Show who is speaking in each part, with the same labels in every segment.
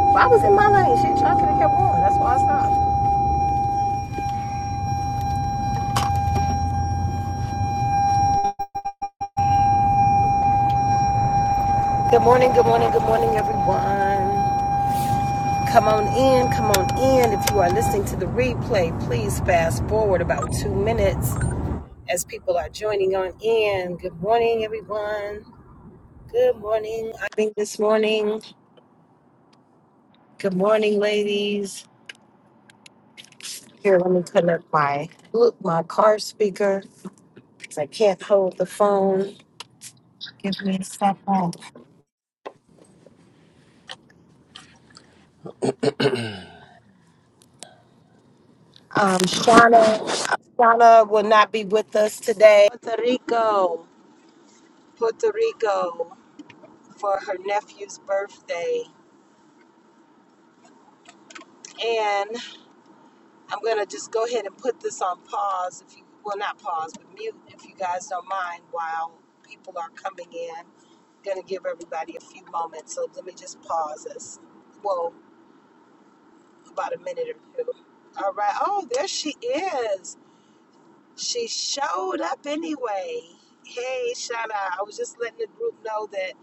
Speaker 1: I was in my lane. Shit, traffic kept going. That's why I stopped. Good morning, good morning, good morning, everyone. Come on in, come on in. If you are listening to the replay, please fast forward about two minutes as people are joining on in. Good morning, everyone. Good morning. I think this morning. Good morning, ladies. Here, let me connect my look, my car speaker because I can't hold the phone. Give me a second. Um, Shauna, Shauna will not be with us today. Puerto Rico, Puerto Rico for her nephew's birthday. And I'm going to just go ahead and put this on pause if you well not pause, but mute if you guys don't mind while people are coming in. Going to give everybody a few moments. So let me just pause this. Well, about a minute or two. All right. Oh, there she is. She showed up anyway. Hey, Shauna, I was just letting the group know that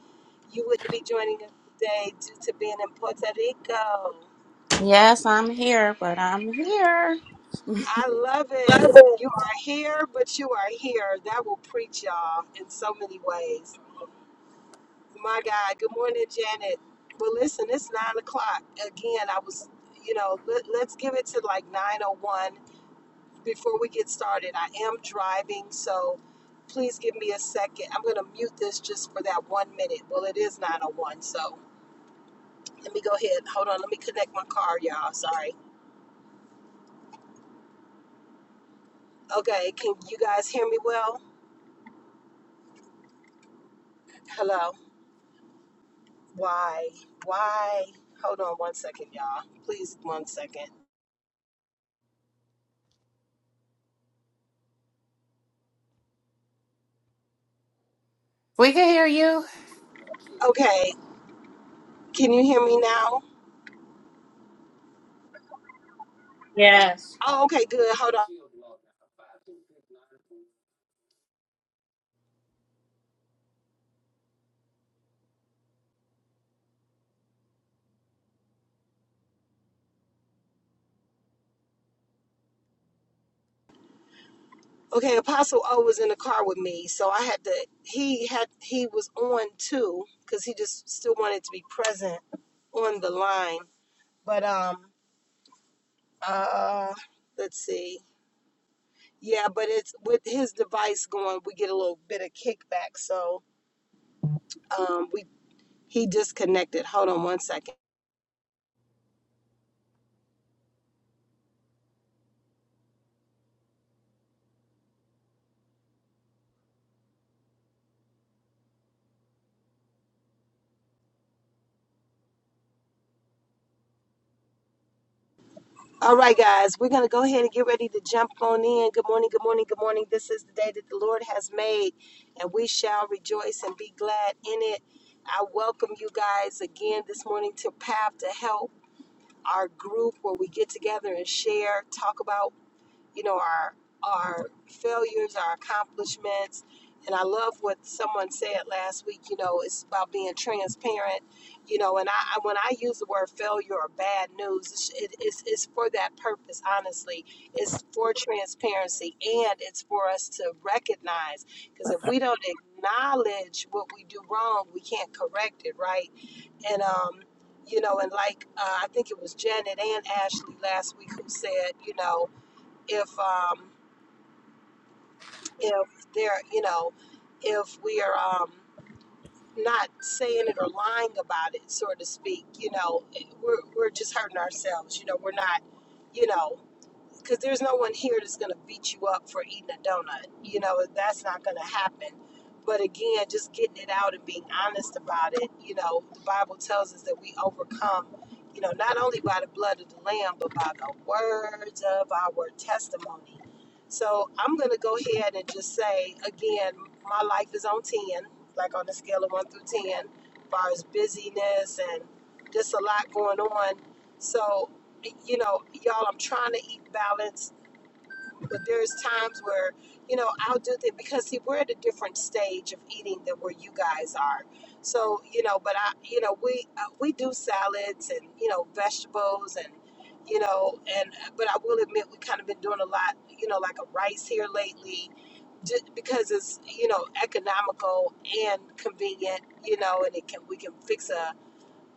Speaker 1: you wouldn't be joining us today due to being in Puerto Rico.
Speaker 2: Yes, I'm here, but I'm here.
Speaker 1: I love it.
Speaker 3: Love it.
Speaker 1: You are here, but you are here. That will preach y'all in so many ways. My God. Good morning, Janet. Well, listen, it's nine o'clock. Again, I was, you know, let, let's give it to like 9.01 before we get started, I am driving, so please give me a second. I'm going to mute this just for that one minute. Well, it is 901, so let me go ahead. Hold on, let me connect my car, y'all. Sorry. Okay, can you guys hear me well? Hello. Why? Why? Hold on one second, y'all. Please, one second.
Speaker 4: We can hear you.
Speaker 1: Okay, can you hear me now?
Speaker 2: Yes.
Speaker 1: Oh, okay, good. Hold on. Okay, Apostle O was in the car with me, so I had to. He had he was on too because he just still wanted to be present on the line. But um, uh, let's see. Yeah, but it's with his device going, we get a little bit of kickback. So um, we he disconnected. Hold on one second. All right, guys, we're going to go ahead and get ready to jump on in. Good morning, good morning, good morning. This is the day that the Lord has made, and we shall rejoice and be glad in it. I welcome you guys again this morning to Path to Help, our group where we get together and share, talk about you know, our our failures, our accomplishments. And I love what someone said last week, you know, it's about being transparent, you know, and I, I when I use the word failure or bad news, it's, it, it's, it's for that purpose, honestly. It's for transparency and it's for us to recognize because if we don't acknowledge what we do wrong, we can't correct it, right? And, um, you know, and like uh, I think it was Janet and Ashley last week who said, you know, if um, if they're you know if we are um, not saying it or lying about it, so to speak, you know, eh, we're we're just hurting ourselves. You know, we're not, you know because there's no one here that's going to beat you up for eating a donut. You know, that's not going to happen. But again, just getting it out and being honest about it, you know, the Bible tells us that we overcome, you know, not only by the blood of the Lamb, but by the words of our testimony. So I'm going to go ahead and just say, again, my life is on 10, like on a scale of 1 through 10, as far as busyness and just a lot going on. So you know, y'all, I'm trying to eat balanced, but there's times where, you know, I'll do that because see, we're at a different stage of eating than where you guys are. So, you know, but I, you know, we uh, we do salads and you know vegetables and you know and but I will admit we kind of been doing a lot, you know, like a rice here lately, ju- because it's you know economical and convenient, you know, and it can we can fix a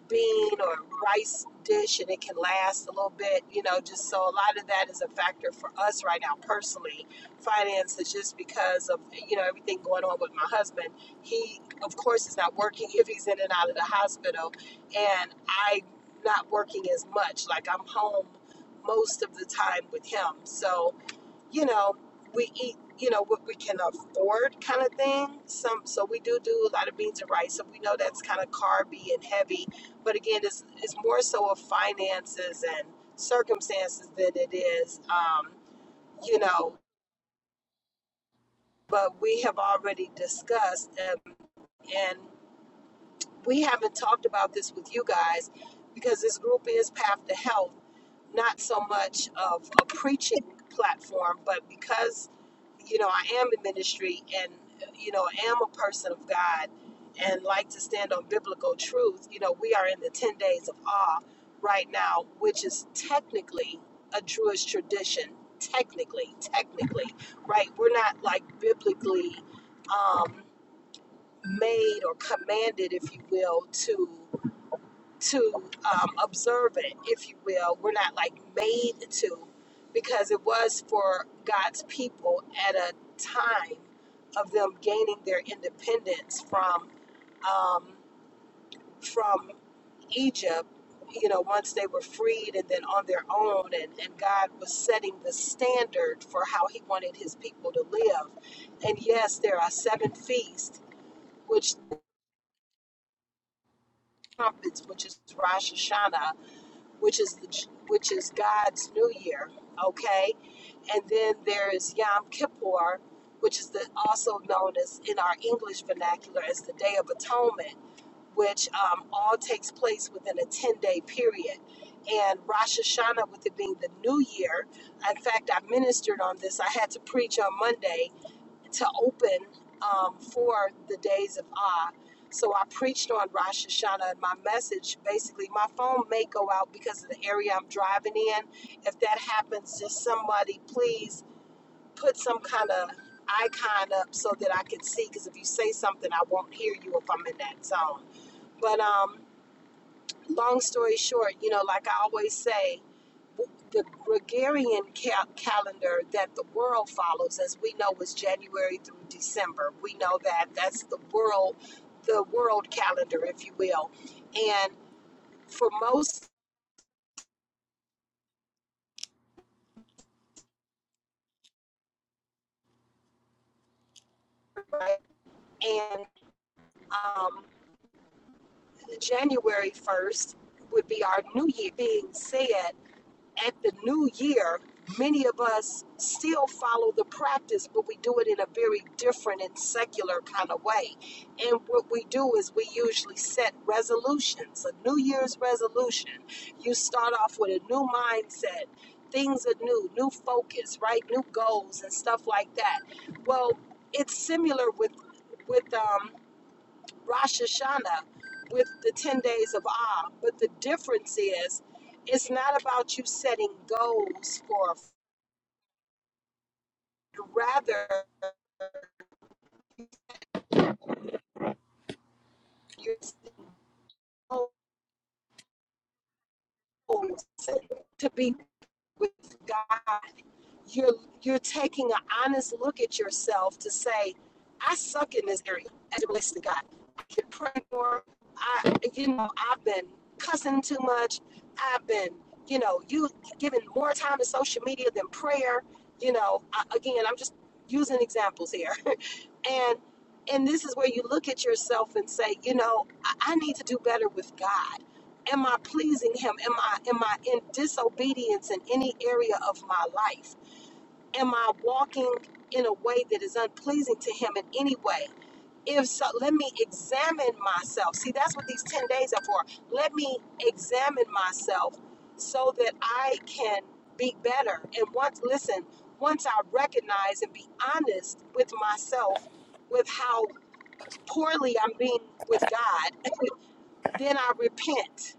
Speaker 1: bean or rice dish and it can last a little bit, you know, just so a lot of that is a factor for us right now personally. Finances just because of you know everything going on with my husband. He of course is not working if he's in and out of the hospital and I not working as much. Like I'm home most of the time with him. So you know, we eat, you know, what we can afford kind of thing. Some so we do do a lot of beans and rice. So we know that's kind of carby and heavy. But again, it's it's more so of finances and circumstances than it is, um, you know. But we have already discussed, um, and we haven't talked about this with you guys because this group is Path to Health not so much of a preaching platform, but because you know I am in ministry and you know I am a person of God and like to stand on biblical truth. You know, we are in the ten days of awe right now, which is technically a Jewish tradition. Technically, technically, right? We're not like biblically um, made or commanded, if you will, to to um, observe it, if you will. We're not like made to, because it was for God's people at a time of them gaining their independence from um, from Egypt. You know, once they were freed and then on their own, and, and God was setting the standard for how He wanted His people to live. And yes, there are seven feasts, which trumpets, which is Rosh Hashanah, which is the which is God's New Year, okay? And then there is Yom Kippur, which is the, also known as in our English vernacular as the Day of Atonement, which um, all takes place within a ten day period. And Rosh Hashanah, with it being the New Year, in fact, I ministered on this. I had to preach on Monday to open um, for the days of Ah. So I preached on Rosh Hashanah, and my message basically, my phone may go out because of the area I'm driving in. If that happens, just somebody please put some kind of icon up so that I can see. Because if you say something, I won't hear you if I'm in that zone. But um, long story short, you know, like I always say, the Gregorian cal- calendar that the world follows, as we know, is January through December. We know that that's the world, the world calendar, if you will. And for most, right, and um, January first would be our New Year. Being said, at the new year, many of us still follow the practice, but we do it in a very different and secular kind of way. And what we do is we usually set resolutions, a New Year's resolution. You start off with a new mindset. Things are new, new focus, right? New goals and stuff like that. Well, it's similar with with um, Rosh Hashanah with the 10 days of Ah. But the difference is, it's not about you setting goals for, rather, you're setting goals to be with God you're you're taking an honest look at yourself to say, I suck in this area as it relates to God. I can pray more. I you know, I've been cussing too much. I've been, you know, you giving more time to social media than prayer. You know, I, again, I'm just using examples here. and and this is where you look at yourself and say, you know, I, I need to do better with God. Am I pleasing him? Am I am I in disobedience in any area of my life? Am I walking in a way that is unpleasing to him in any way? If so, let me examine myself. See, that's what these 10 days are for. Let me examine myself so that I can be better. And once, listen, once I recognize and be honest with myself with how poorly I'm being with God, then I repent.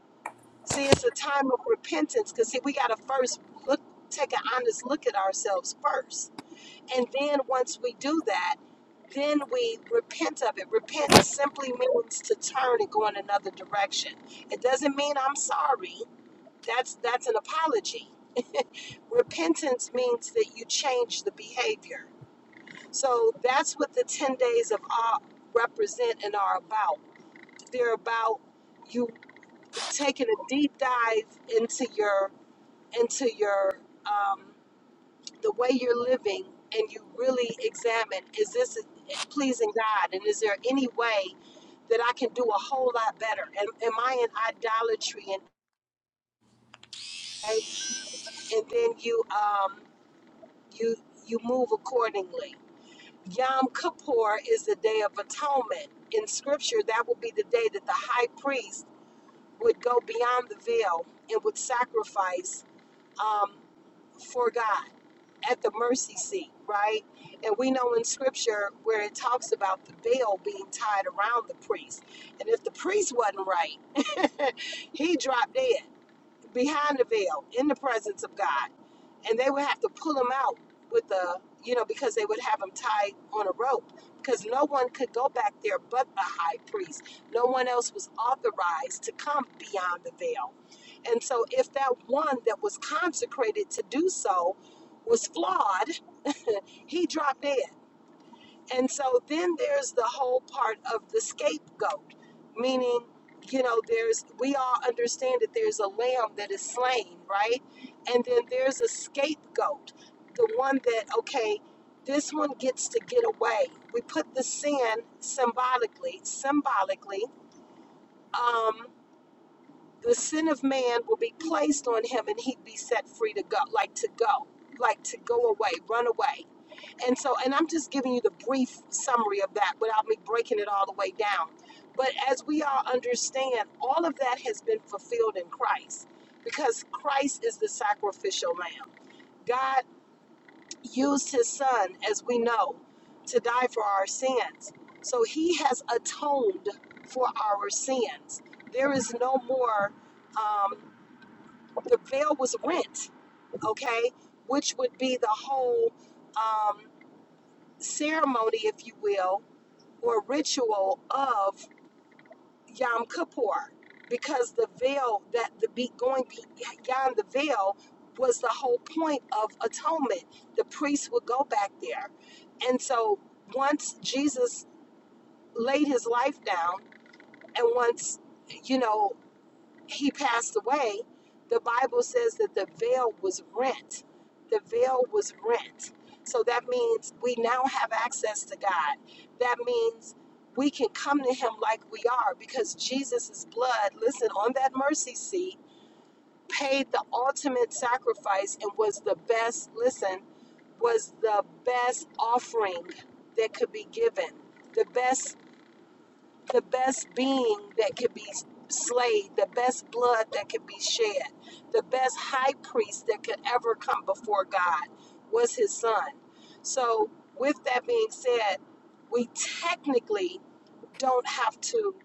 Speaker 1: See, it's a time of repentance because, see, we got to first look, take an honest look at ourselves first and then once we do that, then we repent of it. Repent simply means to turn and go in another direction. It doesn't mean I'm sorry. That's that's an apology. Repentance means that you change the behavior. So that's what the 10 days of awe represent and are about. They're about you taking a deep dive into your into your um, the way you're living and you really examine is this pleasing God and is there any way that I can do a whole lot better am, am I in idolatry and right? and then you um you you move accordingly Yom Kippur is the day of atonement in scripture that would be the day that the high priest would go beyond the veil and would sacrifice um, for God at the mercy seat, right? And we know in scripture where it talks about the veil being tied around the priest. And if the priest wasn't right, he dropped dead behind the veil in the presence of God. And they would have to pull him out with the, you know, because they would have him tied on a rope because no one could go back there but the high priest. No one else was authorized to come beyond the veil. And so if that one that was consecrated to do so was flawed, he dropped dead. And so then there's the whole part of the scapegoat, meaning, you know, there's, we all understand that there's a lamb that is slain, right? And then there's a scapegoat, the one that, okay, this one gets to get away. We put the sin symbolically, symbolically, um, the sin of man will be placed on him and he'd be set free to go, like to go, like to go away, run away and so, and I'm just giving you the brief summary of that without me breaking it all the way down. But as we all understand, all of that has been fulfilled in Christ because Christ is the sacrificial lamb. God used his son, as we know, to die for our sins. So he has atoned for our sins. There is no more, um, the veil was rent, okay, which would be the whole um, ceremony, if you will or ritual of Yom Kippur because the veil that the be going beyond the veil was the whole point of atonement. The priests would go back there. And so once Jesus laid his life down and once, you know, he passed away, the Bible says that the veil was rent. The veil was rent. So that means we now have access to God. That means we can come to him like we are because Jesus' blood, listen, on that mercy seat, paid the ultimate sacrifice and was the best, listen, was the best offering that could be given, the best the best being that could be slayed, the best blood that could be shed, the best high priest that could ever come before God was his son. So, with that being said, we technically don't have to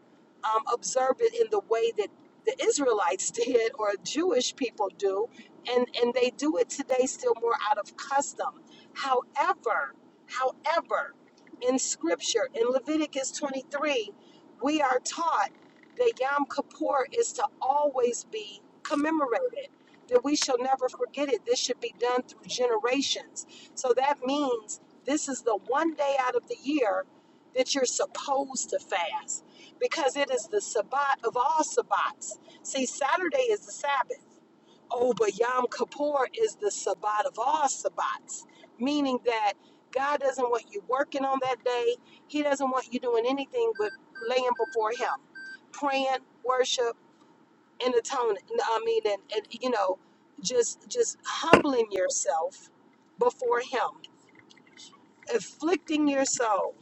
Speaker 1: um, observe it in the way that the Israelites did or Jewish people do, and and they do it today still more out of custom. However, however, in Scripture in Leviticus 23, we are taught that Yom Kippur is to always be commemorated. That we shall never forget it. This should be done through generations. So that means this is the one day out of the year that you're supposed to fast because it is the Sabbath of all Sabbats. See, Saturday is the Sabbath. Oh, but Yom Kippur is the Sabbath of all Sabbats, meaning that God doesn't want you working on that day. He doesn't want you doing anything but laying before Him, praying, worship, and atoning. I mean, and, and you know, just just humbling yourself before Him, afflicting your soul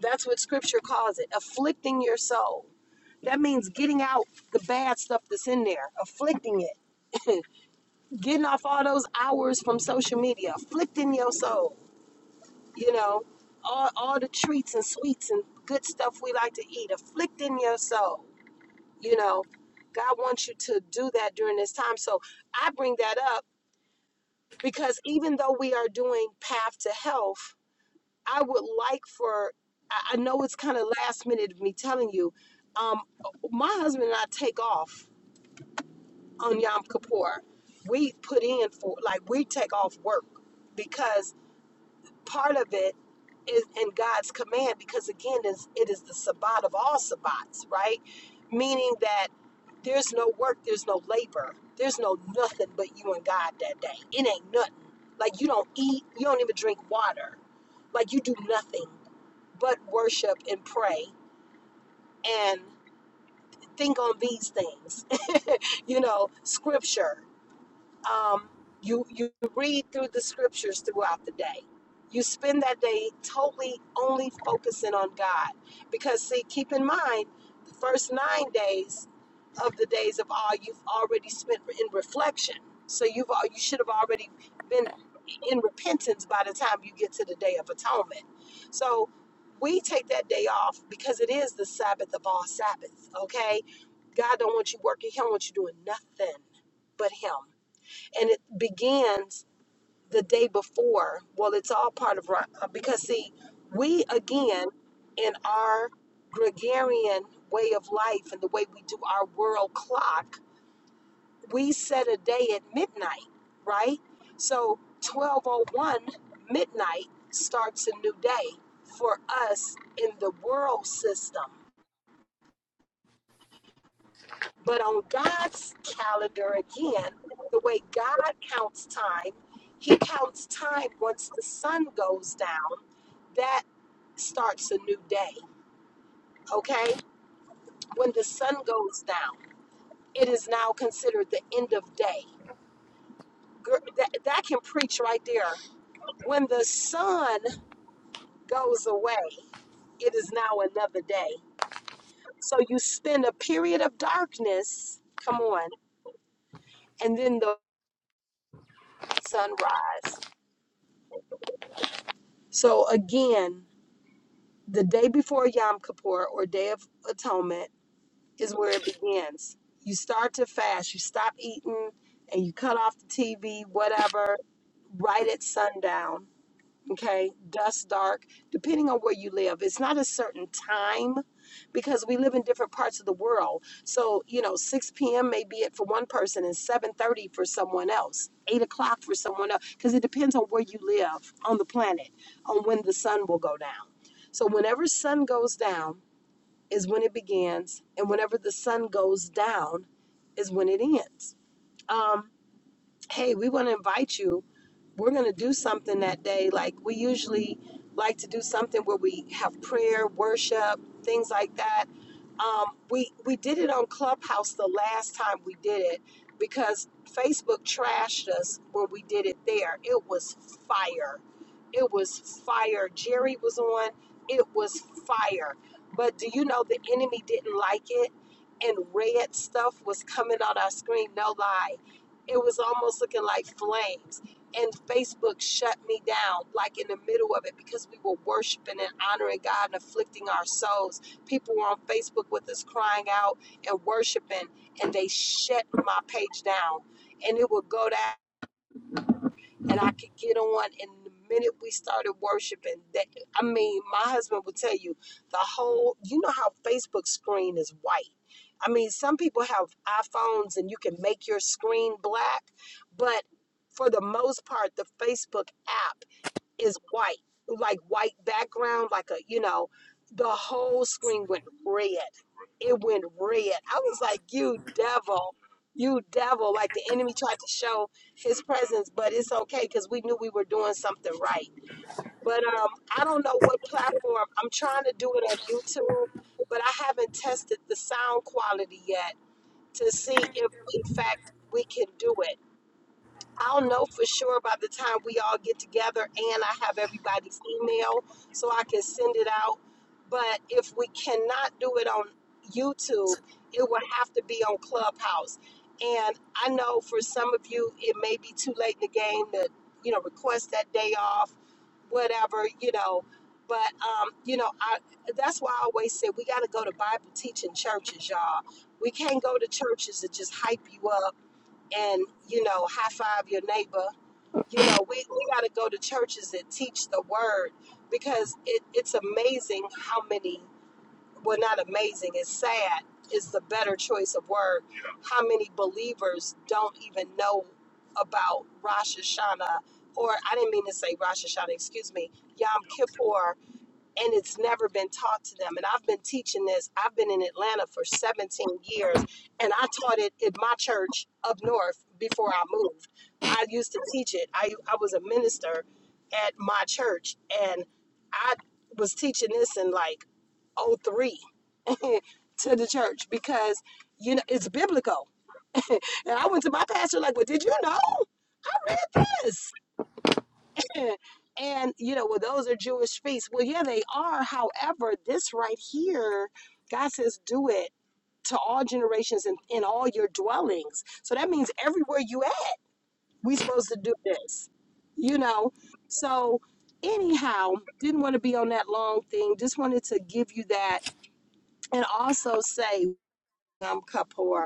Speaker 1: that's what scripture calls it afflicting your soul. That means getting out the bad stuff that's in there, afflicting it, getting off all those hours from social media, afflicting your soul, you know, all, all the treats and sweets and good stuff we like to eat, afflicting your soul, you know. God wants you to do that during this time. So I bring that up because even though we are doing Path to Health, I would like for, I I know it's kind of last minute of me telling you, um, my husband and I take off on Yom Kippur. We put in for, like, we take off work because part of it is in God's command because again is it is the Sabbath of all sabbats, right? Meaning that there's no work, there's no labor, there's no nothing but you and God that day. It ain't nothing. Like you don't eat, you don't even drink water. Like you do nothing but worship and pray and think on these things. you know, scripture um, you you read through the scriptures throughout the day you spend that day totally only focusing on god because see keep in mind the first nine days of the days of all you've already spent in reflection so you've al- you should have already been in repentance by the time you get to the day of atonement so we take that day off because it is the sabbath of all sabbaths okay god don't want you working he don't want you doing nothing but him and it begins the day before. Well, it's all part of Ro- uh, because see, we again in our gregarian way of life and the way we do our world clock, we set a day at midnight, right? So 1201 midnight starts a new day for us in the world system. But on God's calendar, again, the way God counts time, He counts time once the sun goes down. That starts a new day, okay? When the sun goes down, it is now considered the end of day. Gr- That, that can preach right there. When the sun goes away, it is now another day. So you spend a period of darkness, come on, and then the sunrise. So again, the day before Yom Kippur or Day of Atonement is where it begins. You start to fast, you stop eating, and you cut off the TV, whatever, right at sundown okay dusk dark depending on where you live it's not a certain time because we live in different parts of the world so you know 6 p.m may be it for one person and 7.30 for someone else 8 o'clock for someone else because it depends on where you live on the planet on when the sun will go down so whenever sun goes down is when it begins and whenever the sun goes down is when it ends um, hey we want to invite you we're going to do something that day. Like we usually like to do something where we have prayer, worship, things like that. Um, we we did it on Clubhouse the last time we did it because Facebook trashed us when we did it there. It was fire. It was fire. Jerry was on. It was fire. But do you know the enemy didn't like it? And red stuff was coming on our screen. No lie. It was almost looking like flames and Facebook shut me down, like in the middle of it, because we were worshiping and honoring God and afflicting our souls. People were on Facebook with us crying out and worshiping, and they shut my page down. And it would go down and I could get on. And the minute we started worshiping, that I mean, my husband will tell you the whole. You know how Facebook screen is white. I mean, some people have iPhones and you can make your screen black, but for the most part, the Facebook app is white, like white background, like a, you know, the whole screen went red. It went red. I was like, you devil, you devil. Like the enemy tried to show his presence, but it's okay because we knew we were doing something right. But um, I don't know what platform. I'm trying to do it on YouTube, but I haven't tested the sound quality yet to see if, in fact, we can do it. I'll know for sure by the time we all get together and I have everybody's email so I can send it out. But if we cannot do it on YouTube, it will have to be on Clubhouse. And I know for some of you, it may be too late in the game to, you know, request that day off, whatever, you know. But, um, you know, I, that's why I always say we got to go to Bible teaching churches, y'all. We can't go to churches that just hype you up and you know high five your neighbor you know we, we got to go to churches that teach the word because it, it's amazing how many well not amazing it's sad is the better choice of word Yeah. how many believers don't even know about rosh hashanah or i didn't mean to say rosh hashanah excuse me yom kippur and it's never been taught to them. And I've been teaching this. I've been in Atlanta for 17 years, and I taught it at my church up north before I moved. I used to teach it. I, I was a minister at my church, and I was teaching this in like '03 to the church because, you know, it's biblical. And I went to my pastor like, well, did you know? I read this. And, you know, well, those are Jewish feasts. Well, yeah, they are. However, this right here, God says, do it to all generations and in all your dwellings. So that means everywhere you at, we supposed to do this, you know? So anyhow, didn't want to be on that long thing. Just wanted to give you that and also say, um, Kapoor,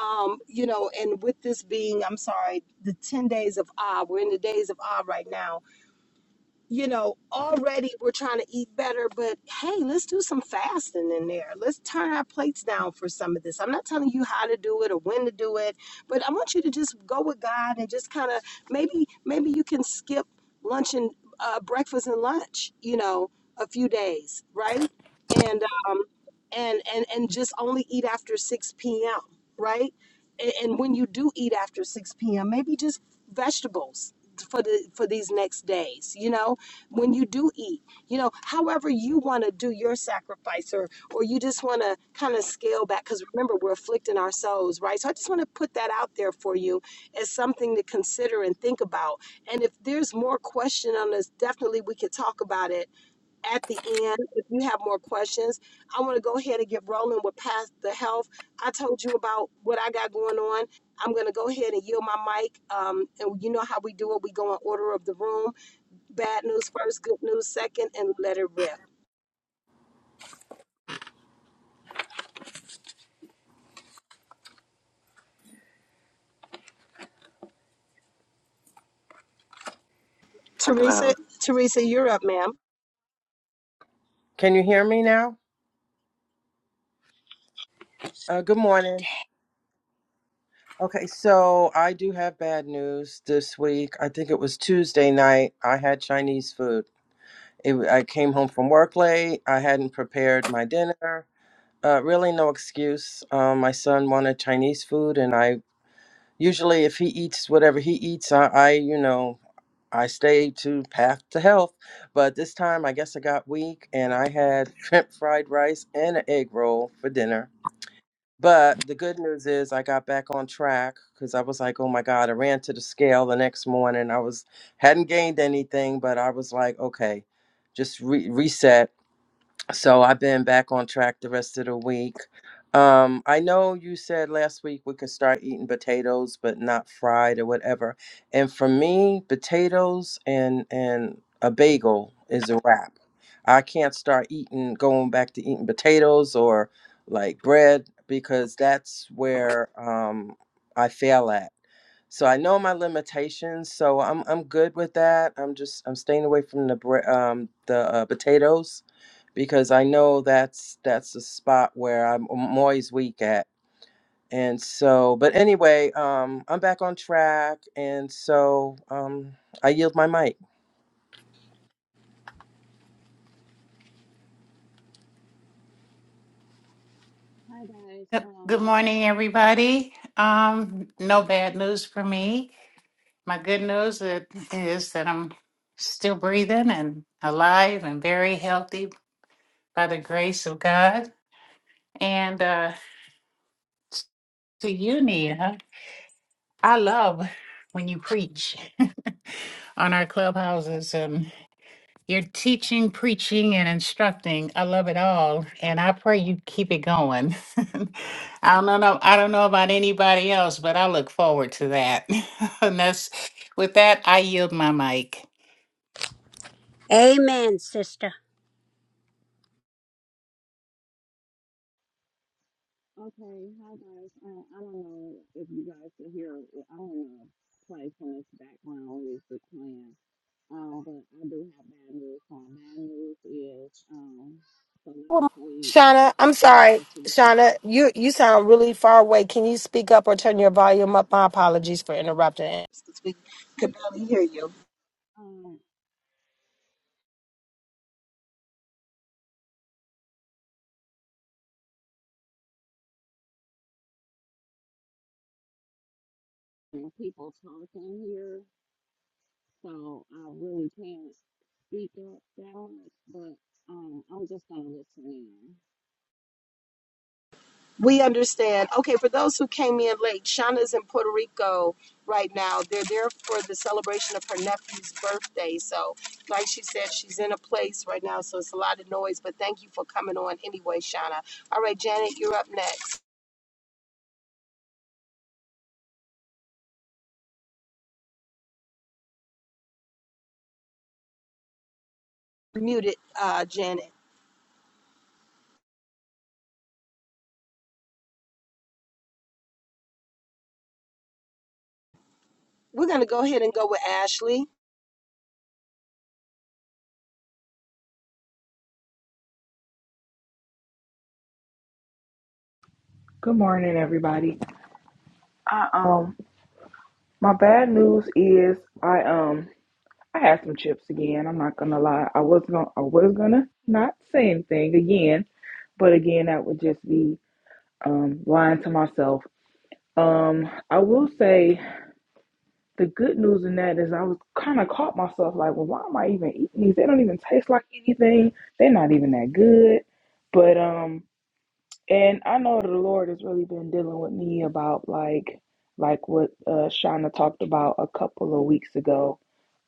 Speaker 1: um, you know, and with this being, I'm sorry, the 10 days of Ah, we're in the days of Ah right now you know, already we're trying to eat better, but hey, let's do some fasting in there. Let's turn our plates down for some of this. I'm not telling you how to do it or when to do it, but I want you to just go with God and just kind of maybe maybe you can skip lunch and uh, breakfast and lunch, you know, a few days, right? And um and and and just only eat after 6 p.m., right? And, and when you do eat after 6 p.m., maybe just vegetables for the for these next days, you know? when you do eat. You know, however you want to do your sacrifice or or you just want to kind of scale back cuz remember we're afflicting our souls, right? So I just want to put that out there for you as something to consider and think about. And if there's more question on this, definitely we could talk about it at the end if you have more questions i want to go ahead and get rolling with past the health i told you about what i got going on i'm going to go ahead and yield my mic um, and you know how we do it we go in order of the room Bad news first, good news second, and let it rip. Teresa, Teresa, you're up, ma'am.
Speaker 3: Can you hear me now? Uh, good morning. Okay, so I do have bad news this week. I think it was Tuesday night. I had Chinese food. It, I came home from work late. I hadn't prepared my dinner. Uh, really, no excuse. Um, my son wanted Chinese food, and I usually, if he eats whatever he eats, I, I you know, I stay to path to health. But this time, I guess I got weak, and I had shrimp fried rice and an egg roll for dinner But the good news is I got back on track because I was like, oh my God, I ran to the scale the next morning. I was hadn't gained anything, but I was like, okay, just re- reset so I've been back on track the rest of the week. Um, I know you said last week we could start eating potatoes, but not fried or whatever. And for me, potatoes and and a bagel is a wrap. I can't start eating, going back to eating potatoes or like bread because that's where um, I fail at. So I know my limitations, so I'm I'm good with that. I'm just I'm staying away from the bre- um the uh, potatoes because I know that's that's a spot where I'm, I'm always weak at. And so, but anyway, um, I'm back on track, and so um, I yield my mic.
Speaker 2: Hi guys.
Speaker 4: Good good
Speaker 2: Um.
Speaker 4: morning, everybody. Um, no bad news for me. My good news i- is that I'm still breathing and alive and very healthy by the grace of God. And uh, to you, Nia, I love when you preach on our clubhouses, You're teaching, preaching, and instructing. I love it all, and I pray you keep it going. I don't know. I don't know about anybody else, but I look forward to that. and that's with that. I yield my mic.
Speaker 5: Amen, sister.
Speaker 2: Okay. Hi guys. Uh, I don't know if you guys can hear. I don't know. if Play from this background music playing. Um. But I do have bad news. Um, bad news is um. So last
Speaker 1: Well,
Speaker 2: week
Speaker 1: Shauna, I'm
Speaker 2: was
Speaker 1: sorry.
Speaker 2: the two
Speaker 1: Shauna, you you sound really far away. Can you speak up or turn your volume up? My apologies for interrupting. We could barely hear you.
Speaker 2: um and people talking here, so I really can't speak up that much. But um, I'm just gonna listen in.
Speaker 1: We understand. Okay, for those who came in late, Shauna's in Puerto Rico right now. They're there for the celebration of her nephew's birthday. So, like she said, she's in a place right now, so it's a lot of noise. But thank you for coming on anyway, Shauna. All right, Janet, you're up next. Muted, uh, Janet. We're going to go ahead and go with Ashley.
Speaker 6: Good morning, everybody. I um, my bad news is I um, I had some chips again. I'm not gonna lie. I was gonna, I was gonna not say anything again, but again, that would just be um, lying to myself. Um, I will say the good news in that is I was kind of caught myself like, well, why am I even eating these? They don't even taste like anything. They're not even that good. But um. And I know the Lord has really been dealing with me about like like what uh Shauna talked about a couple of weeks ago.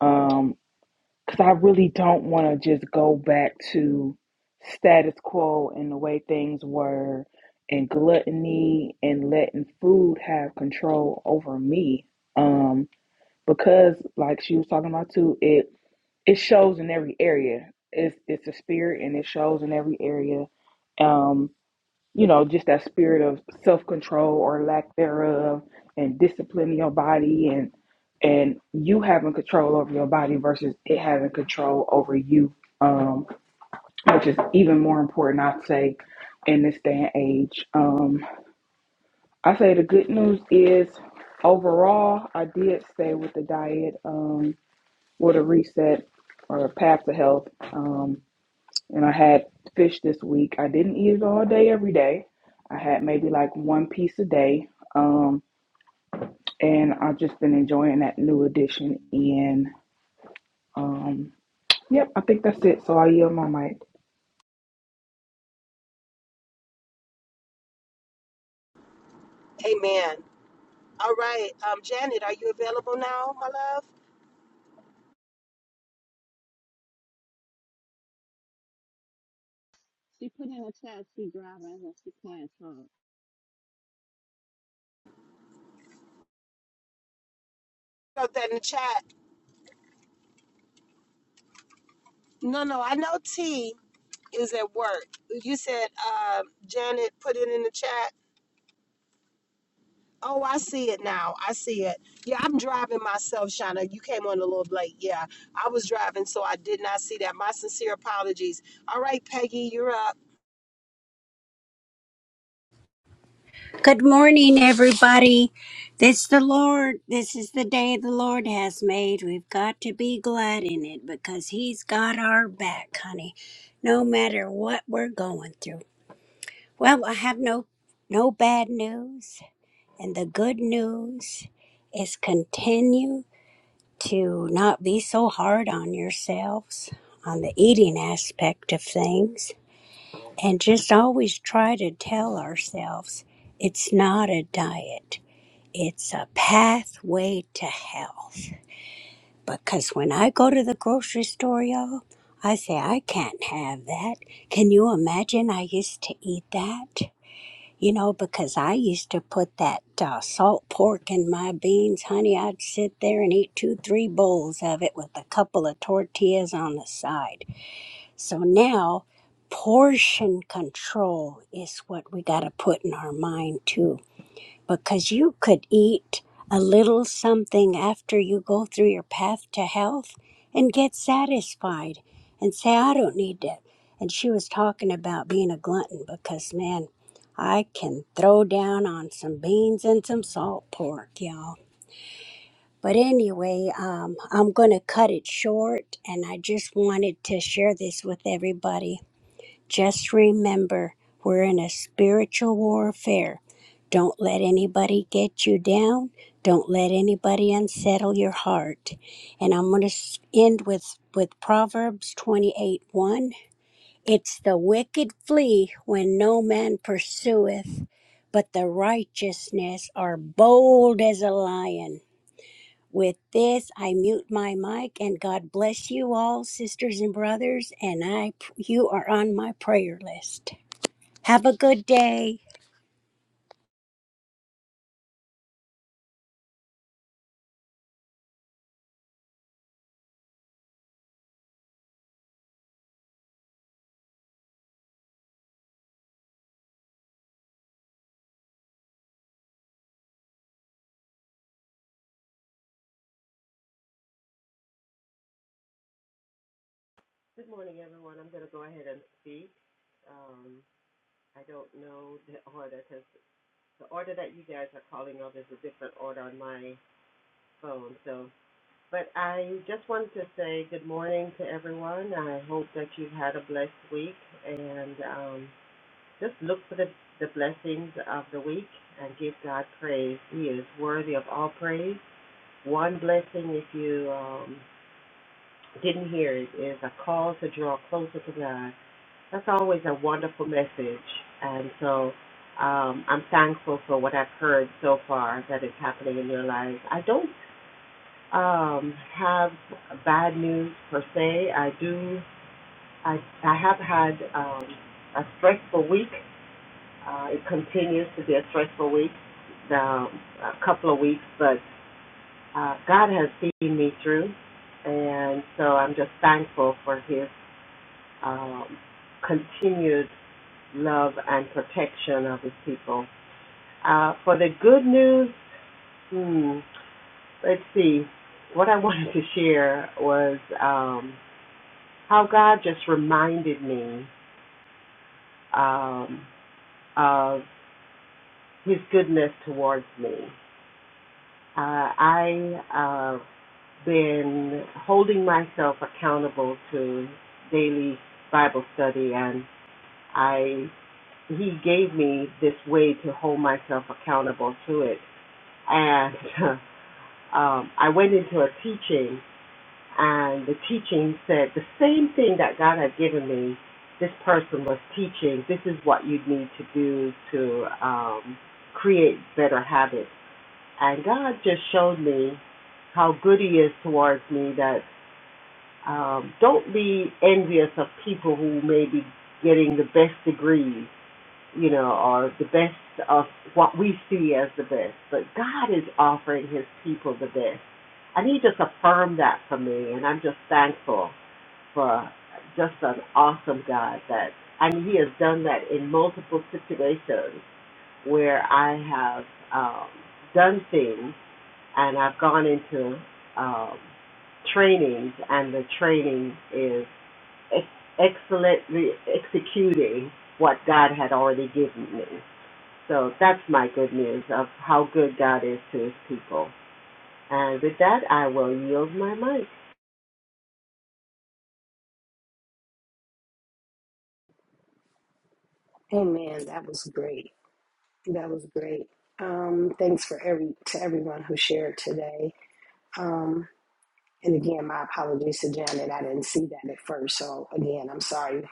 Speaker 6: Um, 'cause I really don't want to just go back to status quo and the way things were and gluttony and letting food have control over me. Um, because like she was talking about too, it it shows in every area. It's it's a spirit and it shows in every area. Um you know, just that spirit of self control or lack thereof and disciplining your body and and you having control over your body versus it having control over you, um, which is even more important I'd say in this day and age. Um I say the good news is overall I did stay with the diet, um, with a reset or a path to health. Um and I had fish this week. I didn't eat it all day every day. I had maybe like one piece a day. Um, and I've just been enjoying that new addition. And um, yep, I think that's it. So I yield my mic.
Speaker 1: Amen. All right, um, Janet, are you available now, my love?
Speaker 2: She put in a chat she driving and she can't talk.
Speaker 1: Wrote that in the chat. No, no, I know T is at work. You said, uh, Janet, put it in the chat. Oh, I see it now. I see it. Yeah, I'm driving myself, Shauna. You came on a little late. Yeah, I was driving, so I did not see that. My sincere apologies. All right, Peggy, you're up.
Speaker 5: Good morning, everybody. This the Lord. This is the day the Lord has made. We've got to be glad in it because He's got our back, honey. No matter what we're going through. Well, I have no no bad news, and the good news is continue to not be so hard on yourselves on the eating aspect of things and just always try to tell ourselves it's not a diet, it's a pathway to health. Because when I go to the grocery store, y'all, I say, I can't have that. Can you imagine I used to eat that? You know, because I used to put that uh, salt pork in my beans, honey. I'd sit there and eat two, three bowls of it with a couple of tortillas on the side so now portion control is what we got to put in our mind too, because you could eat a little something after you go through your path to health and get satisfied and say, I don't need that. And she was talking about being a glutton because, man, I can throw down on some beans and some salt pork, y'all. But anyway, um, I'm going to cut it short, and I just wanted to share this with everybody just remember, we're in a spiritual warfare. Don't let anybody get you down. Don't let anybody unsettle your heart. And I'm going to end with, with Proverbs 28 1. It's the wicked flee when no man pursueth, but the righteousness are bold as a lion. With this, I mute my mic and God bless you all, sisters and brothers, and I you are on my prayer list. Have a good day.
Speaker 7: Good morning, everyone. I'm going to go ahead and speak. Um, I don't know the order because the order that you guys are calling of is a different order on my phone. So, but I just wanted to say good morning to everyone. I hope that you've had a blessed week and um, just look for the, the blessings of the week and give God praise. He is worthy of all praise. One blessing, if you um, didn't hear it, is a call to draw closer to God. That's always a wonderful message. And so um, I'm thankful for what I've heard so far that is happening in your lives. I don't um, have bad news per se. I do, I, I have had um, a stressful week. Uh, it continues to be a stressful week, um, a couple of weeks, but uh, God has seen me through. And so I'm just thankful for his um, continued love and protection of his people. Uh, for the good news, hmm, let's see. What I wanted to share was um, how God just reminded me um, of His goodness towards me. Uh, I have uh, been holding myself accountable to daily Bible study, and I He gave me this way to hold myself accountable to it, and uh, um, I went into a teaching, and the teaching said the same thing that God had given me. This person was teaching. This is what you need to do to um, create better habits. And God just showed me how good He is towards me. That um, don't be envious of people who may be getting the best degrees, you know, or the best of what we see as the best. But God is offering His people the best and he just affirmed that for me, and I'm just thankful for just an awesome God that, and he has done that in multiple situations where I have um, done things and I've gone into um, trainings, and the training is ex- excellently executing what God had already given me. So that's my good news of how good God is to his people. And with that, I will yield my mic.
Speaker 1: Amen. That was great. That was great. Um, thanks for every to everyone who shared today. Um, and again, my apologies to Janet. I didn't see that at first. So again, I'm sorry.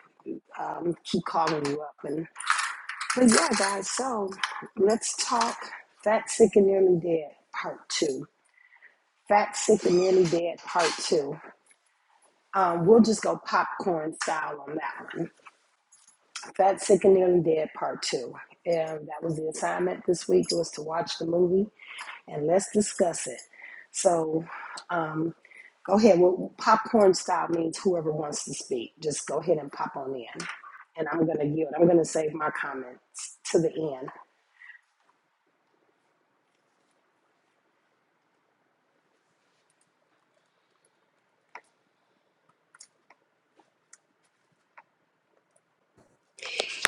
Speaker 1: Um, keep calling you up. And but yeah, guys. So let's talk. Fat, sick, and nearly dead. Part two. Fat, Sick, and Nearly Dead Part 2. Um, we'll just go popcorn style on that one. Fat, Sick, and Nearly Dead Part 2. And that was the assignment this week was to watch the movie and let's discuss it. So um, go ahead. Well, popcorn style means whoever wants to speak. Just go ahead and pop on in. And I'm going to yield. I'm going to save my comments to the end.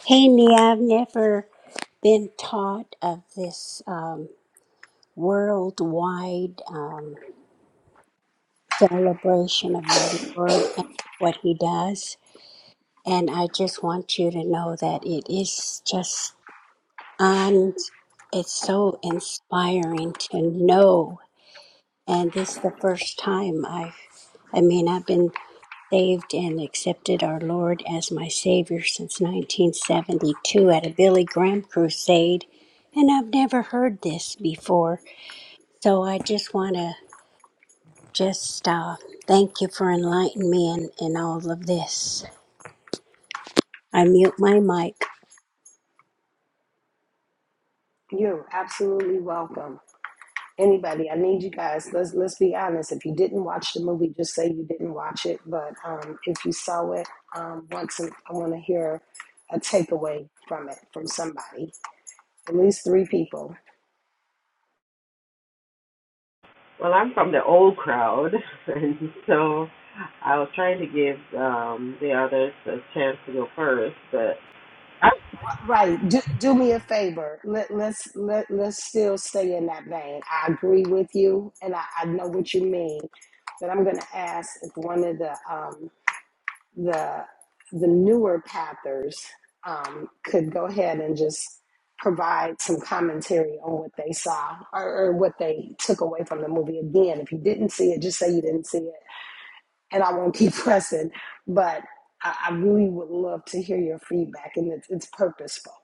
Speaker 5: Hey, Nia, I've never been taught of this um, worldwide um, celebration of our Lord and what He does. And I just want you to know that it is just on, it's so inspiring to know. And this is the first time I've, I mean, I've been saved and accepted our Lord as my Savior since 1972 at a Billy Graham crusade, and I've never heard this before. So I just want to just uh, thank you for enlightening me in, in all of this. I mute my mic.
Speaker 1: You're absolutely welcome. anybody i need you guys let's let's be honest if you didn't watch the movie just say you didn't watch it but um, if you saw it um, once i want to hear a takeaway from it from somebody at least three people
Speaker 7: Well, I'm from the old crowd, and so I was trying to give um, the others a chance to go first, but I'm
Speaker 1: right do, do me a favor let, let's let, let's still stay in that vein i agree with you and i, I know what you mean but i'm going to ask if one of the um, the the newer pathers um, could go ahead and just provide some commentary on what they saw or, or what they took away from the movie. Again, if you didn't see it, just say you didn't see it, and I won't keep pressing. But I, I really would love to hear your feedback, and it's, it's purposeful.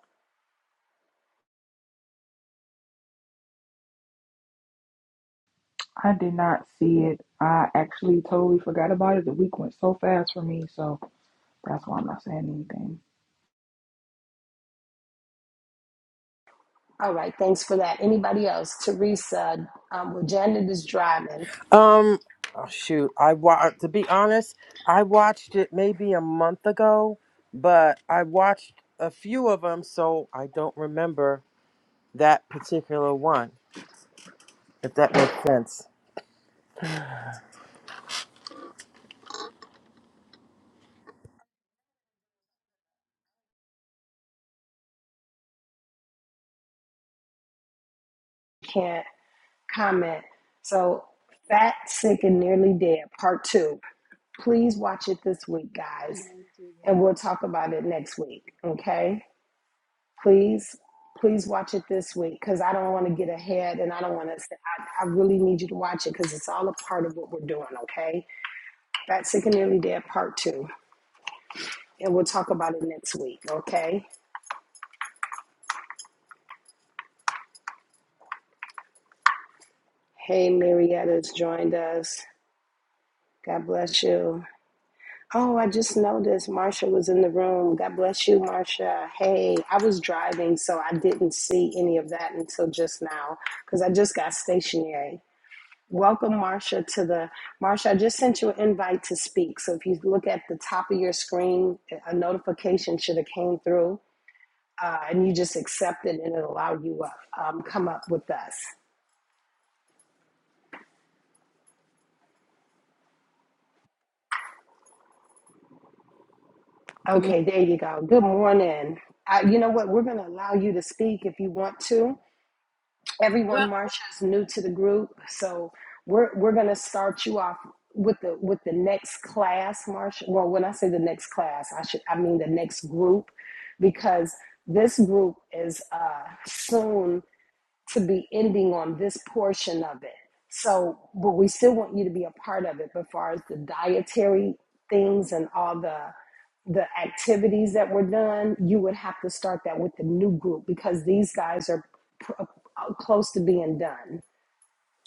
Speaker 6: I did not see it. I actually totally forgot about it. The week went so fast for me, so that's why I'm not saying anything.
Speaker 1: All right, thanks for that. Anybody else? Teresa, um, well, Janet is driving,
Speaker 3: Um, oh, shoot, I wa- to be honest, I watched it maybe a month ago, but I watched a few of them, so I don't remember that particular one. if that makes sense.
Speaker 1: can't comment. So, Fat, Sick, and Nearly Dead, Part 2. Please watch it this week,
Speaker 2: I
Speaker 1: guys,
Speaker 2: know it's you.
Speaker 1: and we'll talk about it next week, okay? Please, please watch it this week because I don't want to get ahead and I don't want to say, I, I really need you to watch it because it's all a part of what we're doing, okay? Fat, Sick, and Nearly Dead Part 2, and we'll talk about it next week, okay? Hey, Marietta's joined us. God bless you. Oh, I just noticed Marsha was in the room. God bless you, Marsha. Hey, I was driving, so I didn't see any of that until just now because I just got stationary. Welcome, Marsha, to the Marsha. I just sent you an invite to speak. So if you look at the top of your screen, a notification should have came through, uh, and you just accept it, and it allowed you up, um, come up with us.
Speaker 8: Good morning.
Speaker 1: Okay, there you go. Good morning. I, you know what? We're going to allow you to speak if you want to. everyone
Speaker 8: Well,
Speaker 1: Marsha is new to the group, so we're we're gonna start you off with the with the next class, Marsha. Well, when I say the next class, I should I mean the next group, because this group is uh, soon to be ending on this portion of it. So, but we still want you to be a part of it. But as far as the dietary things and all the the activities that were done, you would have to start that with the new group because these guys are pr- uh, close to being done.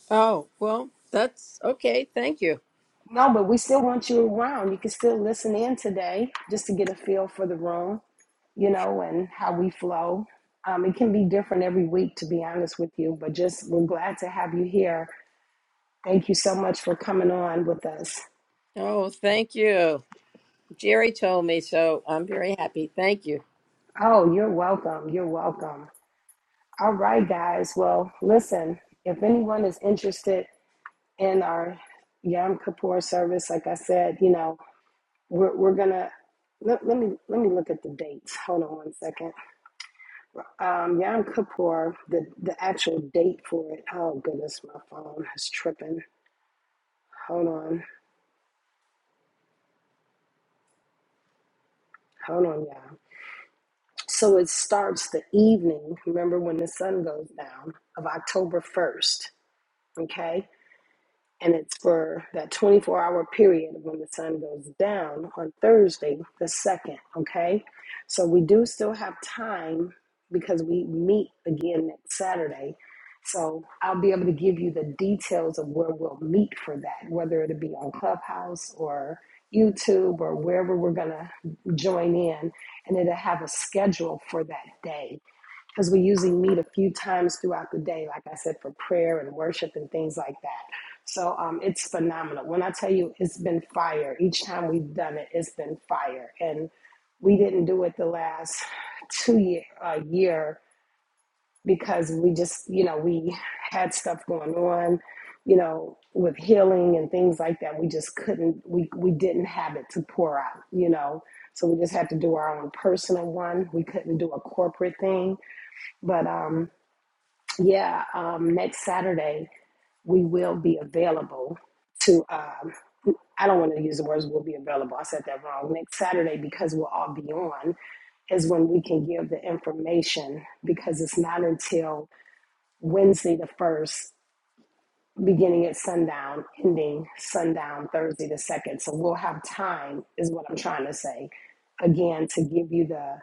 Speaker 8: oh, well, that's okay. Thank you.
Speaker 1: No, but we still want you around. You can still listen in today just to get a feel for the room, you know, and how we flow. Um, it can be different every week, to be honest with you, but just we're glad to have you here Thank you so much for coming on with us.
Speaker 8: Oh, thank you. Jerry told me, so I'm very happy. Thank you.
Speaker 1: Oh, you're welcome. You're welcome. All right, guys. Well, listen, if anyone is interested in our Yom Kippur service, like I said, you know, we're, we're going to. Let, let me let me look at the dates. Hold on one second. Um, Yom Kippur, the the actual date for it. Oh goodness, my phone is tripping. Hold on, hold on, y'all. So it starts the evening. Remember when the sun goes down of October first. okay? And it's for that 24 hour period when the sun goes down on Thursday, the 2nd, okay? So we do still have time because we meet again next Saturday. So I'll be able to give you the details of where we'll meet for that, whether it'll be on Clubhouse or YouTube or wherever we're going to join in. And it'll have a schedule for that day because we usually meet a few times throughout the day, like I said, for prayer and worship and things like that. So um, it's phenomenal. When I tell you it's been fire, each time we've done it, it's been fire. And we didn't do it the last two year uh, year because we just, you know, we had stuff going on, you know, with healing and things like that. We just couldn't, we, we didn't have it to pour out, you know. So we just had to do our own personal one. We couldn't do a corporate thing. But um, yeah, um, next Saturday we will be available to. Um, I don't want to use the words "will be available." I said that wrong. Next Saturday, because we'll all be on, is when we can give the information because it's not until Wednesday the first, beginning at sundown, ending sundown Thursday the second. So we'll have time, is what I'm trying to say, again to give you the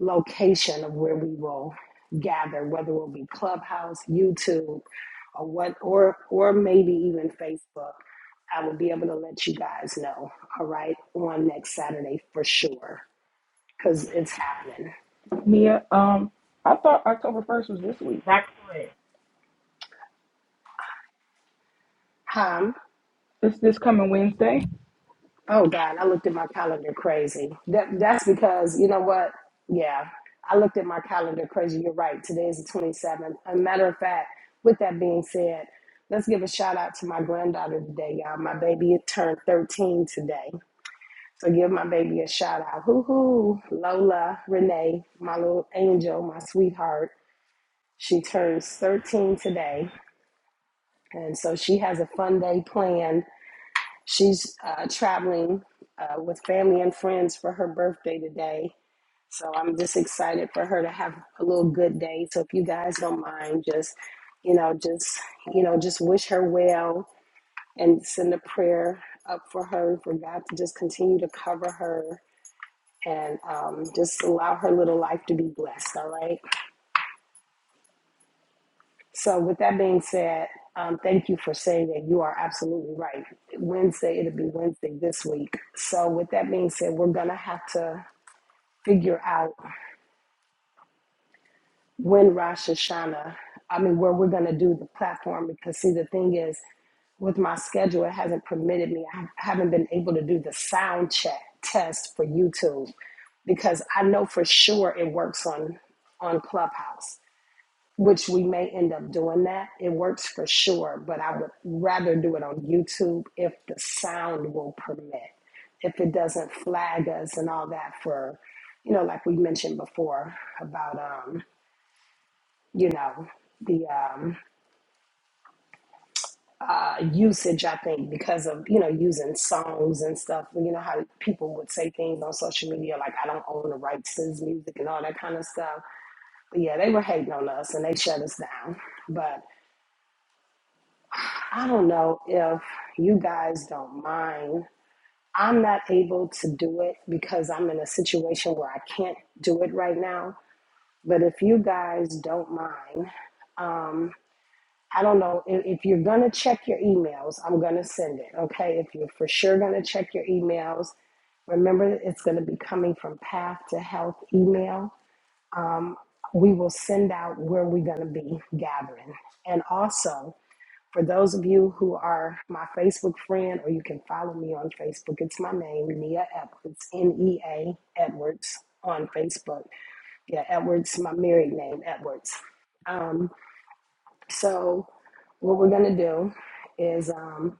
Speaker 1: location of where we will gather, whether it will be Clubhouse, YouTube, or what, or or maybe even Facebook. I will be able to let you guys know. All right, on next Saturday for sure, because it's happening.
Speaker 6: Mia, um, I thought October first was this week.
Speaker 7: back for it.
Speaker 1: Huh?
Speaker 6: It's this coming Wednesday.
Speaker 1: Oh God, I looked at my calendar crazy. That that's because you know what? Yeah, I looked at my calendar crazy. You're right. Today is the 27th. A matter of fact, with that being said, let's give a shout out to my granddaughter today, y'all. My baby turned 13 today, so give my baby a shout out. Hoo hoo, Lola, Renee, my little angel, my sweetheart. She turns 13 today, and so she has a fun day planned She's uh, traveling uh, with family and friends for her birthday today. So I'm just excited for her to have a little good day. So if you guys don't mind, just, you know, just, you know, just wish her well and send a prayer up for her, for God to just continue to cover her and um, just allow her little life to be blessed. All right. So, with that being said, um, thank you for saying that you are absolutely right. Wednesday, it'll be Wednesday this week. So, with that being said, we're going to have to figure out when Rosh Hashanah, I mean, where we're going to do the platform because, see, the thing is, with my schedule, it hasn't permitted me, I haven't been able to do the sound check test for YouTube because I know for sure it works on on Clubhouse. which we may end up doing that. It works for sure, but I would rather do it on YouTube if the sound will permit, if it doesn't flag us and all that for, you know, like we mentioned before about, um, you know, the um, uh, usage, I think, because of, you know, using songs and stuff, Well, you know, how people would say things on social media like, I don't own the rights to this music and all that kind of stuff. But yeah, they were hating on us and they shut us down. but. I don't know if you guys don't mind. I'm not able to do it because I'm in a situation where I can't do it right now. But if you guys don't mind, um, I don't know. If, if you're going to check your emails, I'm going to send it. Okay. If you're for sure going to check your emails, remember it's going to be coming from Path to Health email. Um, we will send out where we're going to be gathering. And also, for those of you who are my Facebook friend, or you can follow me on Facebook, it's my name, Nia Edwards, N E A Edwards on Facebook. Yeah, Edwards, my married name, Edwards. Um, so, what we're going to do is um,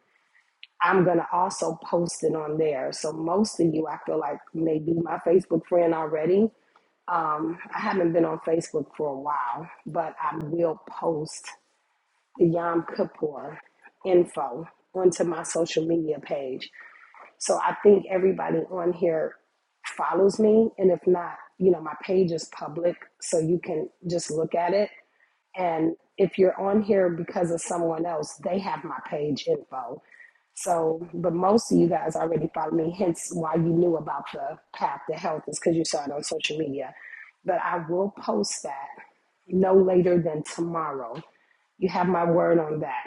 Speaker 1: I'm going to also post it on there. So, most of you, I feel like, may be my Facebook friend already. Um, I haven't been on Facebook for a while, but I will post the Yom Kippur info onto my social media page. So I think everybody on here follows me. And if not, you know, my page is public, so you can just look at it. And if you're on here because of someone else, they have my page info. So, but most of you guys already follow me, hence why you knew about the path to health is because you saw it on social media. But I will post that no later than tomorrow. You have my word on that.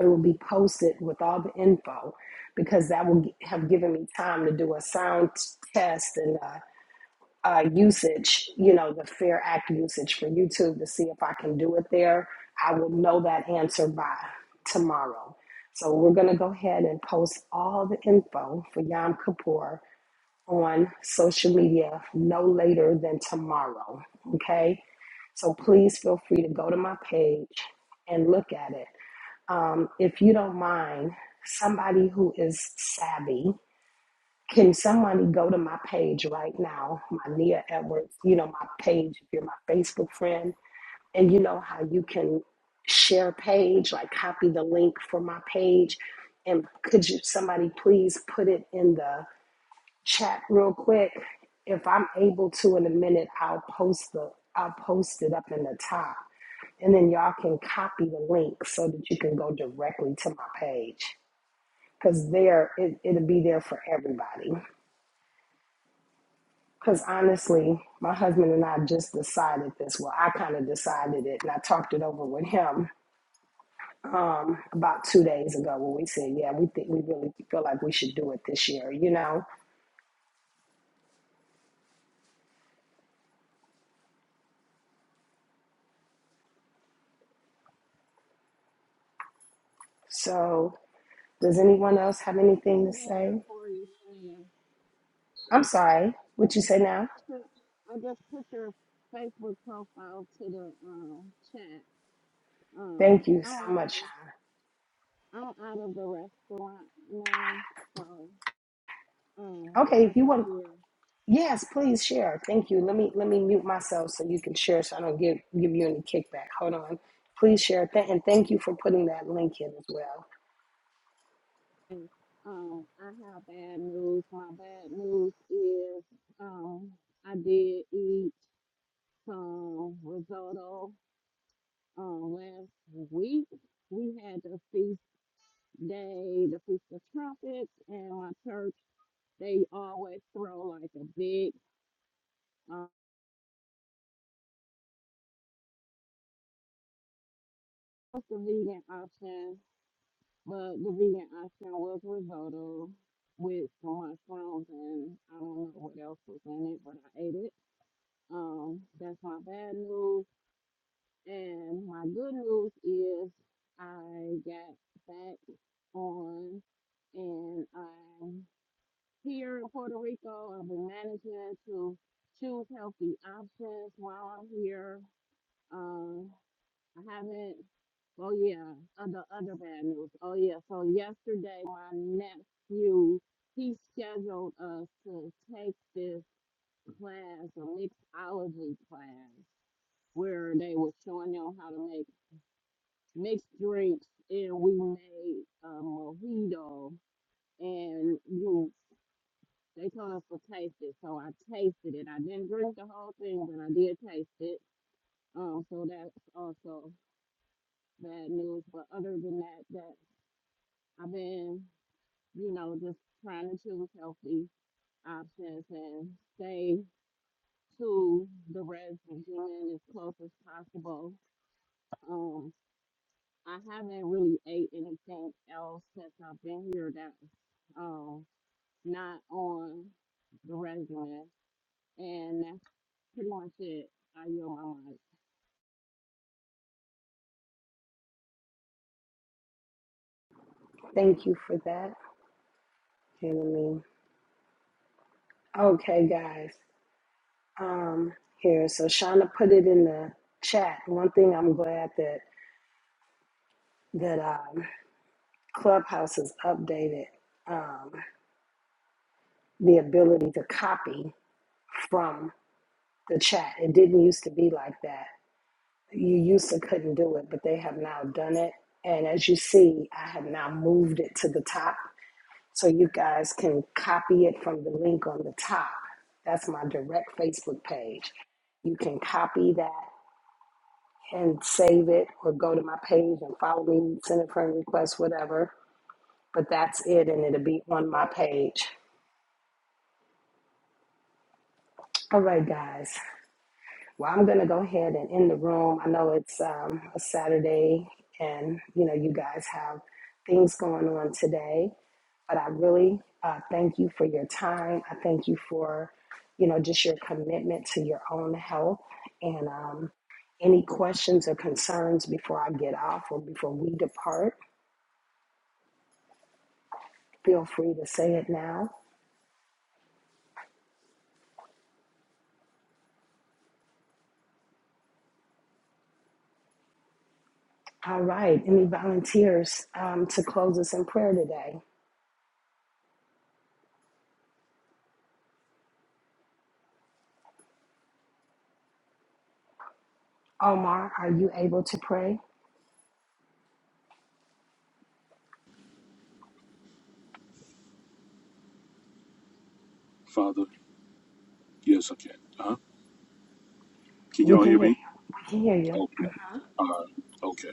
Speaker 1: It will be posted with all the info because that will have given me time to do a sound test and uh, uh, usage, you know, the Fair Act usage for YouTube to see if I can do it there. I will know that answer by tomorrow. So we're going to go ahead and post all the info for Yom Kippur on social media no later than tomorrow. Okay. So please feel free to go to my page and look at it. Um, if you don't mind, somebody who is savvy, can somebody go to my page right now, my Nia Edwards, you know, my page, if you're my Facebook friend, and you know how you can share page, like copy the link for my page. And could you, somebody please put it in the chat real quick? If I'm able to in a minute, I'll post the, I'll post it up in the top and then y'all can copy the link so that you can go directly to my page. Cause there it, it'll be there for everybody. Cause honestly, my husband and I just decided this. Well, I kind of decided it and I talked it over with him um about two days ago when we said, Yeah, we think we really feel like we should do it this year, you know? So does anyone else have
Speaker 2: I put
Speaker 1: anything to
Speaker 2: it in there
Speaker 1: say?
Speaker 2: for you, Shannon.
Speaker 1: I'm sorry. What you say now?
Speaker 2: I put, I just put your Facebook profile to the um chat. Um,
Speaker 1: Thank you
Speaker 2: I'm
Speaker 1: so
Speaker 2: out of
Speaker 1: much,
Speaker 2: the,
Speaker 1: Shauna.
Speaker 2: I'm out of the restaurant now, so um,
Speaker 1: Okay,
Speaker 2: I
Speaker 1: if you
Speaker 2: can
Speaker 1: want
Speaker 2: share.
Speaker 1: Yes, please share. Thank you. Let me let me mute myself so you can share so I don't give give you any kickback. Hold on. Please share. Th- and thank you for putting that link in as well.
Speaker 2: And um, I have bad news. My bad news is um, I did eat some risotto um, last week. We had the feast day, the Feast of Trumpets, and my church, they always throw like a big, um, what's the vegan option? But the vegan option was risotto with some mushrooms, and I don't know what else was in it, but I ate it. Um, that's my bad news. And my good news is I got back on and I Here in Puerto Rico, I've been managing to choose healthy options while I'm here. Uh, I haven't. Oh yeah, other other bad news. Oh yeah, so yesterday my nephew he scheduled us to take this class, a mixology class, where they were showing you how to make mixed drinks, and we made a mojito, and you They told us to taste it, so I tasted it. I didn't drink the whole thing, but I did taste it. Um, so that's also bad news. But other than that, that I've been, you know, just trying to choose healthy options and stay to the red June as close as possible. Um, I haven't really ate anything else since I've been here that, um not on the regimen, and that's launch it at your mama.
Speaker 1: Thank you for that. Okay, let me Okay guys. Um here, so Shauna put it in the chat. One thing I'm glad that that um Clubhouse has updated um the ability to copy from the chat. It didn't used to be like that. You used to couldn't do it, but they have now done it. And as you see, I have now moved it to the top so you guys can copy it from the link on the top. That's my direct Facebook page. You can copy that and save it or go to my page and follow me, send a friend request, whatever. But that's it, and it'll be on my page. All right, guys. Well, I'm going to go ahead and end the room. I know it's um, a Saturday and, you know, you guys have things going on today, but I really uh, thank you for your time. I thank you for, you know, just your commitment to your own health. And um, any questions or concerns before I get off or before we depart, feel free to say it now. All right. Any volunteers um, to close us in prayer today? Omar, are you able to pray?
Speaker 9: Father, yes, I can. Huh? Can
Speaker 1: We
Speaker 9: y'all
Speaker 1: can
Speaker 9: hear
Speaker 1: hear
Speaker 9: me?
Speaker 1: you. We can hear you.
Speaker 9: Okay. All right. Okay.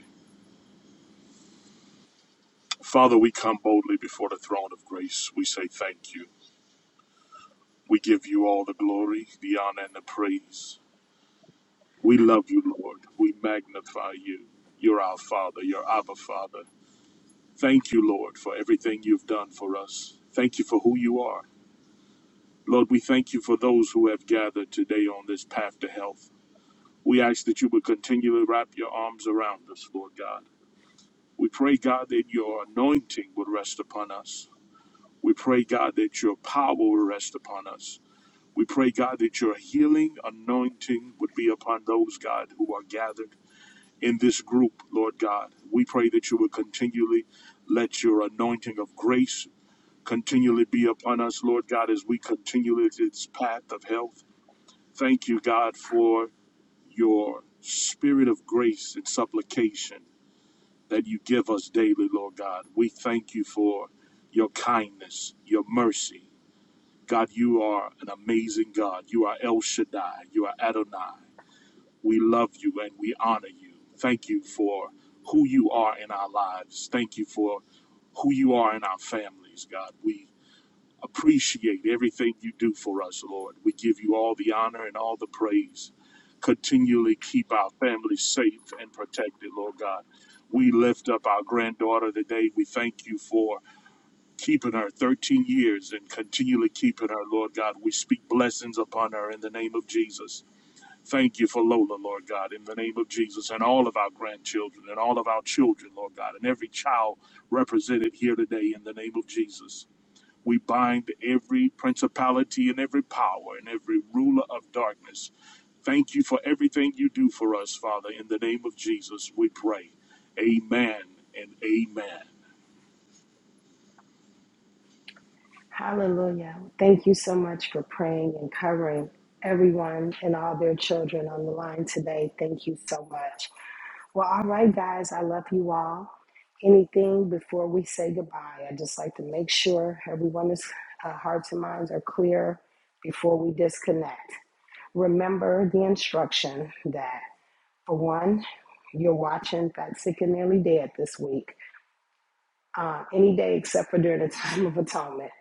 Speaker 9: Father, we come boldly before the throne of grace. We say thank you. We give you all the glory, the honor, and the praise. We love you, Lord. We magnify you. You're our Father. You're Abba Father. Thank you, Lord, for everything you've done for us. Thank you for who you are. Lord, we thank you for those who have gathered today on this path to health. We ask that you would continually wrap your arms around us, Lord God. We pray, God, that your anointing would rest upon us. We pray, God, that your power would rest upon us. We pray, God, that your healing anointing would be upon those, God, who are gathered in this group, Lord God. We pray that you would continually let your anointing of grace continually be upon us, Lord God, as we continue this path of health. Thank you, God, for your spirit of grace and supplication that you give us daily, Lord God. We thank you for your kindness, your mercy. God, you are an amazing God. You are El Shaddai. You are Adonai. We love you and we honor you. Thank you for who you are in our lives. Thank you for who you are in our families, God. We appreciate everything you do for us, Lord. We give you all the honor and all the praise. Continually keep our families safe and protected, Lord God. We lift up our granddaughter today. We thank you for keeping her 13 years and continually keeping her, Lord God. We speak blessings upon her in the name of Jesus. Thank you for Lola, Lord God, in the name of Jesus, and all of our grandchildren and all of our children, Lord God, and every child represented here today in the name of Jesus. We bind every principality and every power and every ruler of darkness. Thank you for everything you do for us, Father. In the name of Jesus, we pray. Amen and amen.
Speaker 1: Hallelujah. Thank you so much for praying and covering everyone and all their children on the line today. Thank you so much. Well, all right, guys, I love you all. Anything before we say goodbye, i just like to make sure everyone's uh, hearts and minds are clear before we disconnect. Remember the instruction that, for one, you're watching Fat Sick and Nearly Dead this week, uh, any day except for during the time of atonement.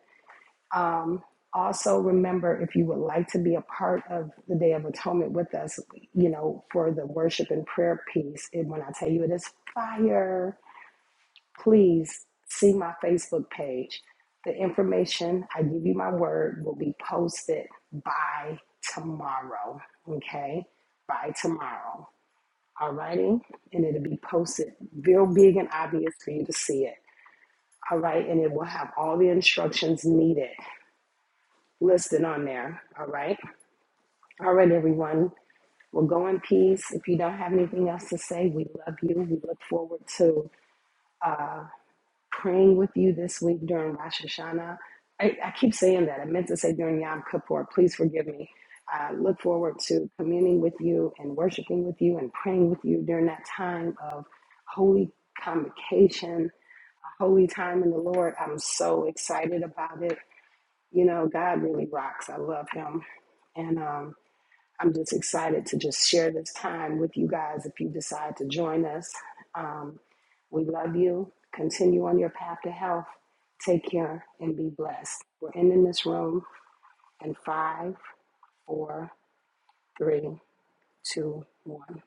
Speaker 1: Um, also, remember if you would like to be a part of the Day of Atonement with us, you know, for the worship and prayer piece, and when I tell you it is fire, please see my Facebook page. The information, I give you my word, will be posted by tomorrow. Okay? By tomorrow. All righty? And it'll be posted real big and obvious for you to see it. All right? And it will have all the instructions needed listed on there. All right. All right, everyone. We'll go in peace. If you don't have anything else to say, we love you. We look forward to praying with you this week during Rosh Hashanah. I, I keep saying that. I meant to say during Yom Kippur. Please forgive me. I look forward to communing with you and worshiping with you and praying with you during that time of holy convocation, a holy time in the Lord. I'm so excited about it. You know, God really rocks. I love Him. And um, I'm just excited to just share this time with you guys if you decide to join us. Um, we love you. Continue on your path to health. Take care and be blessed. We're ending this room in five, four, three, two, one.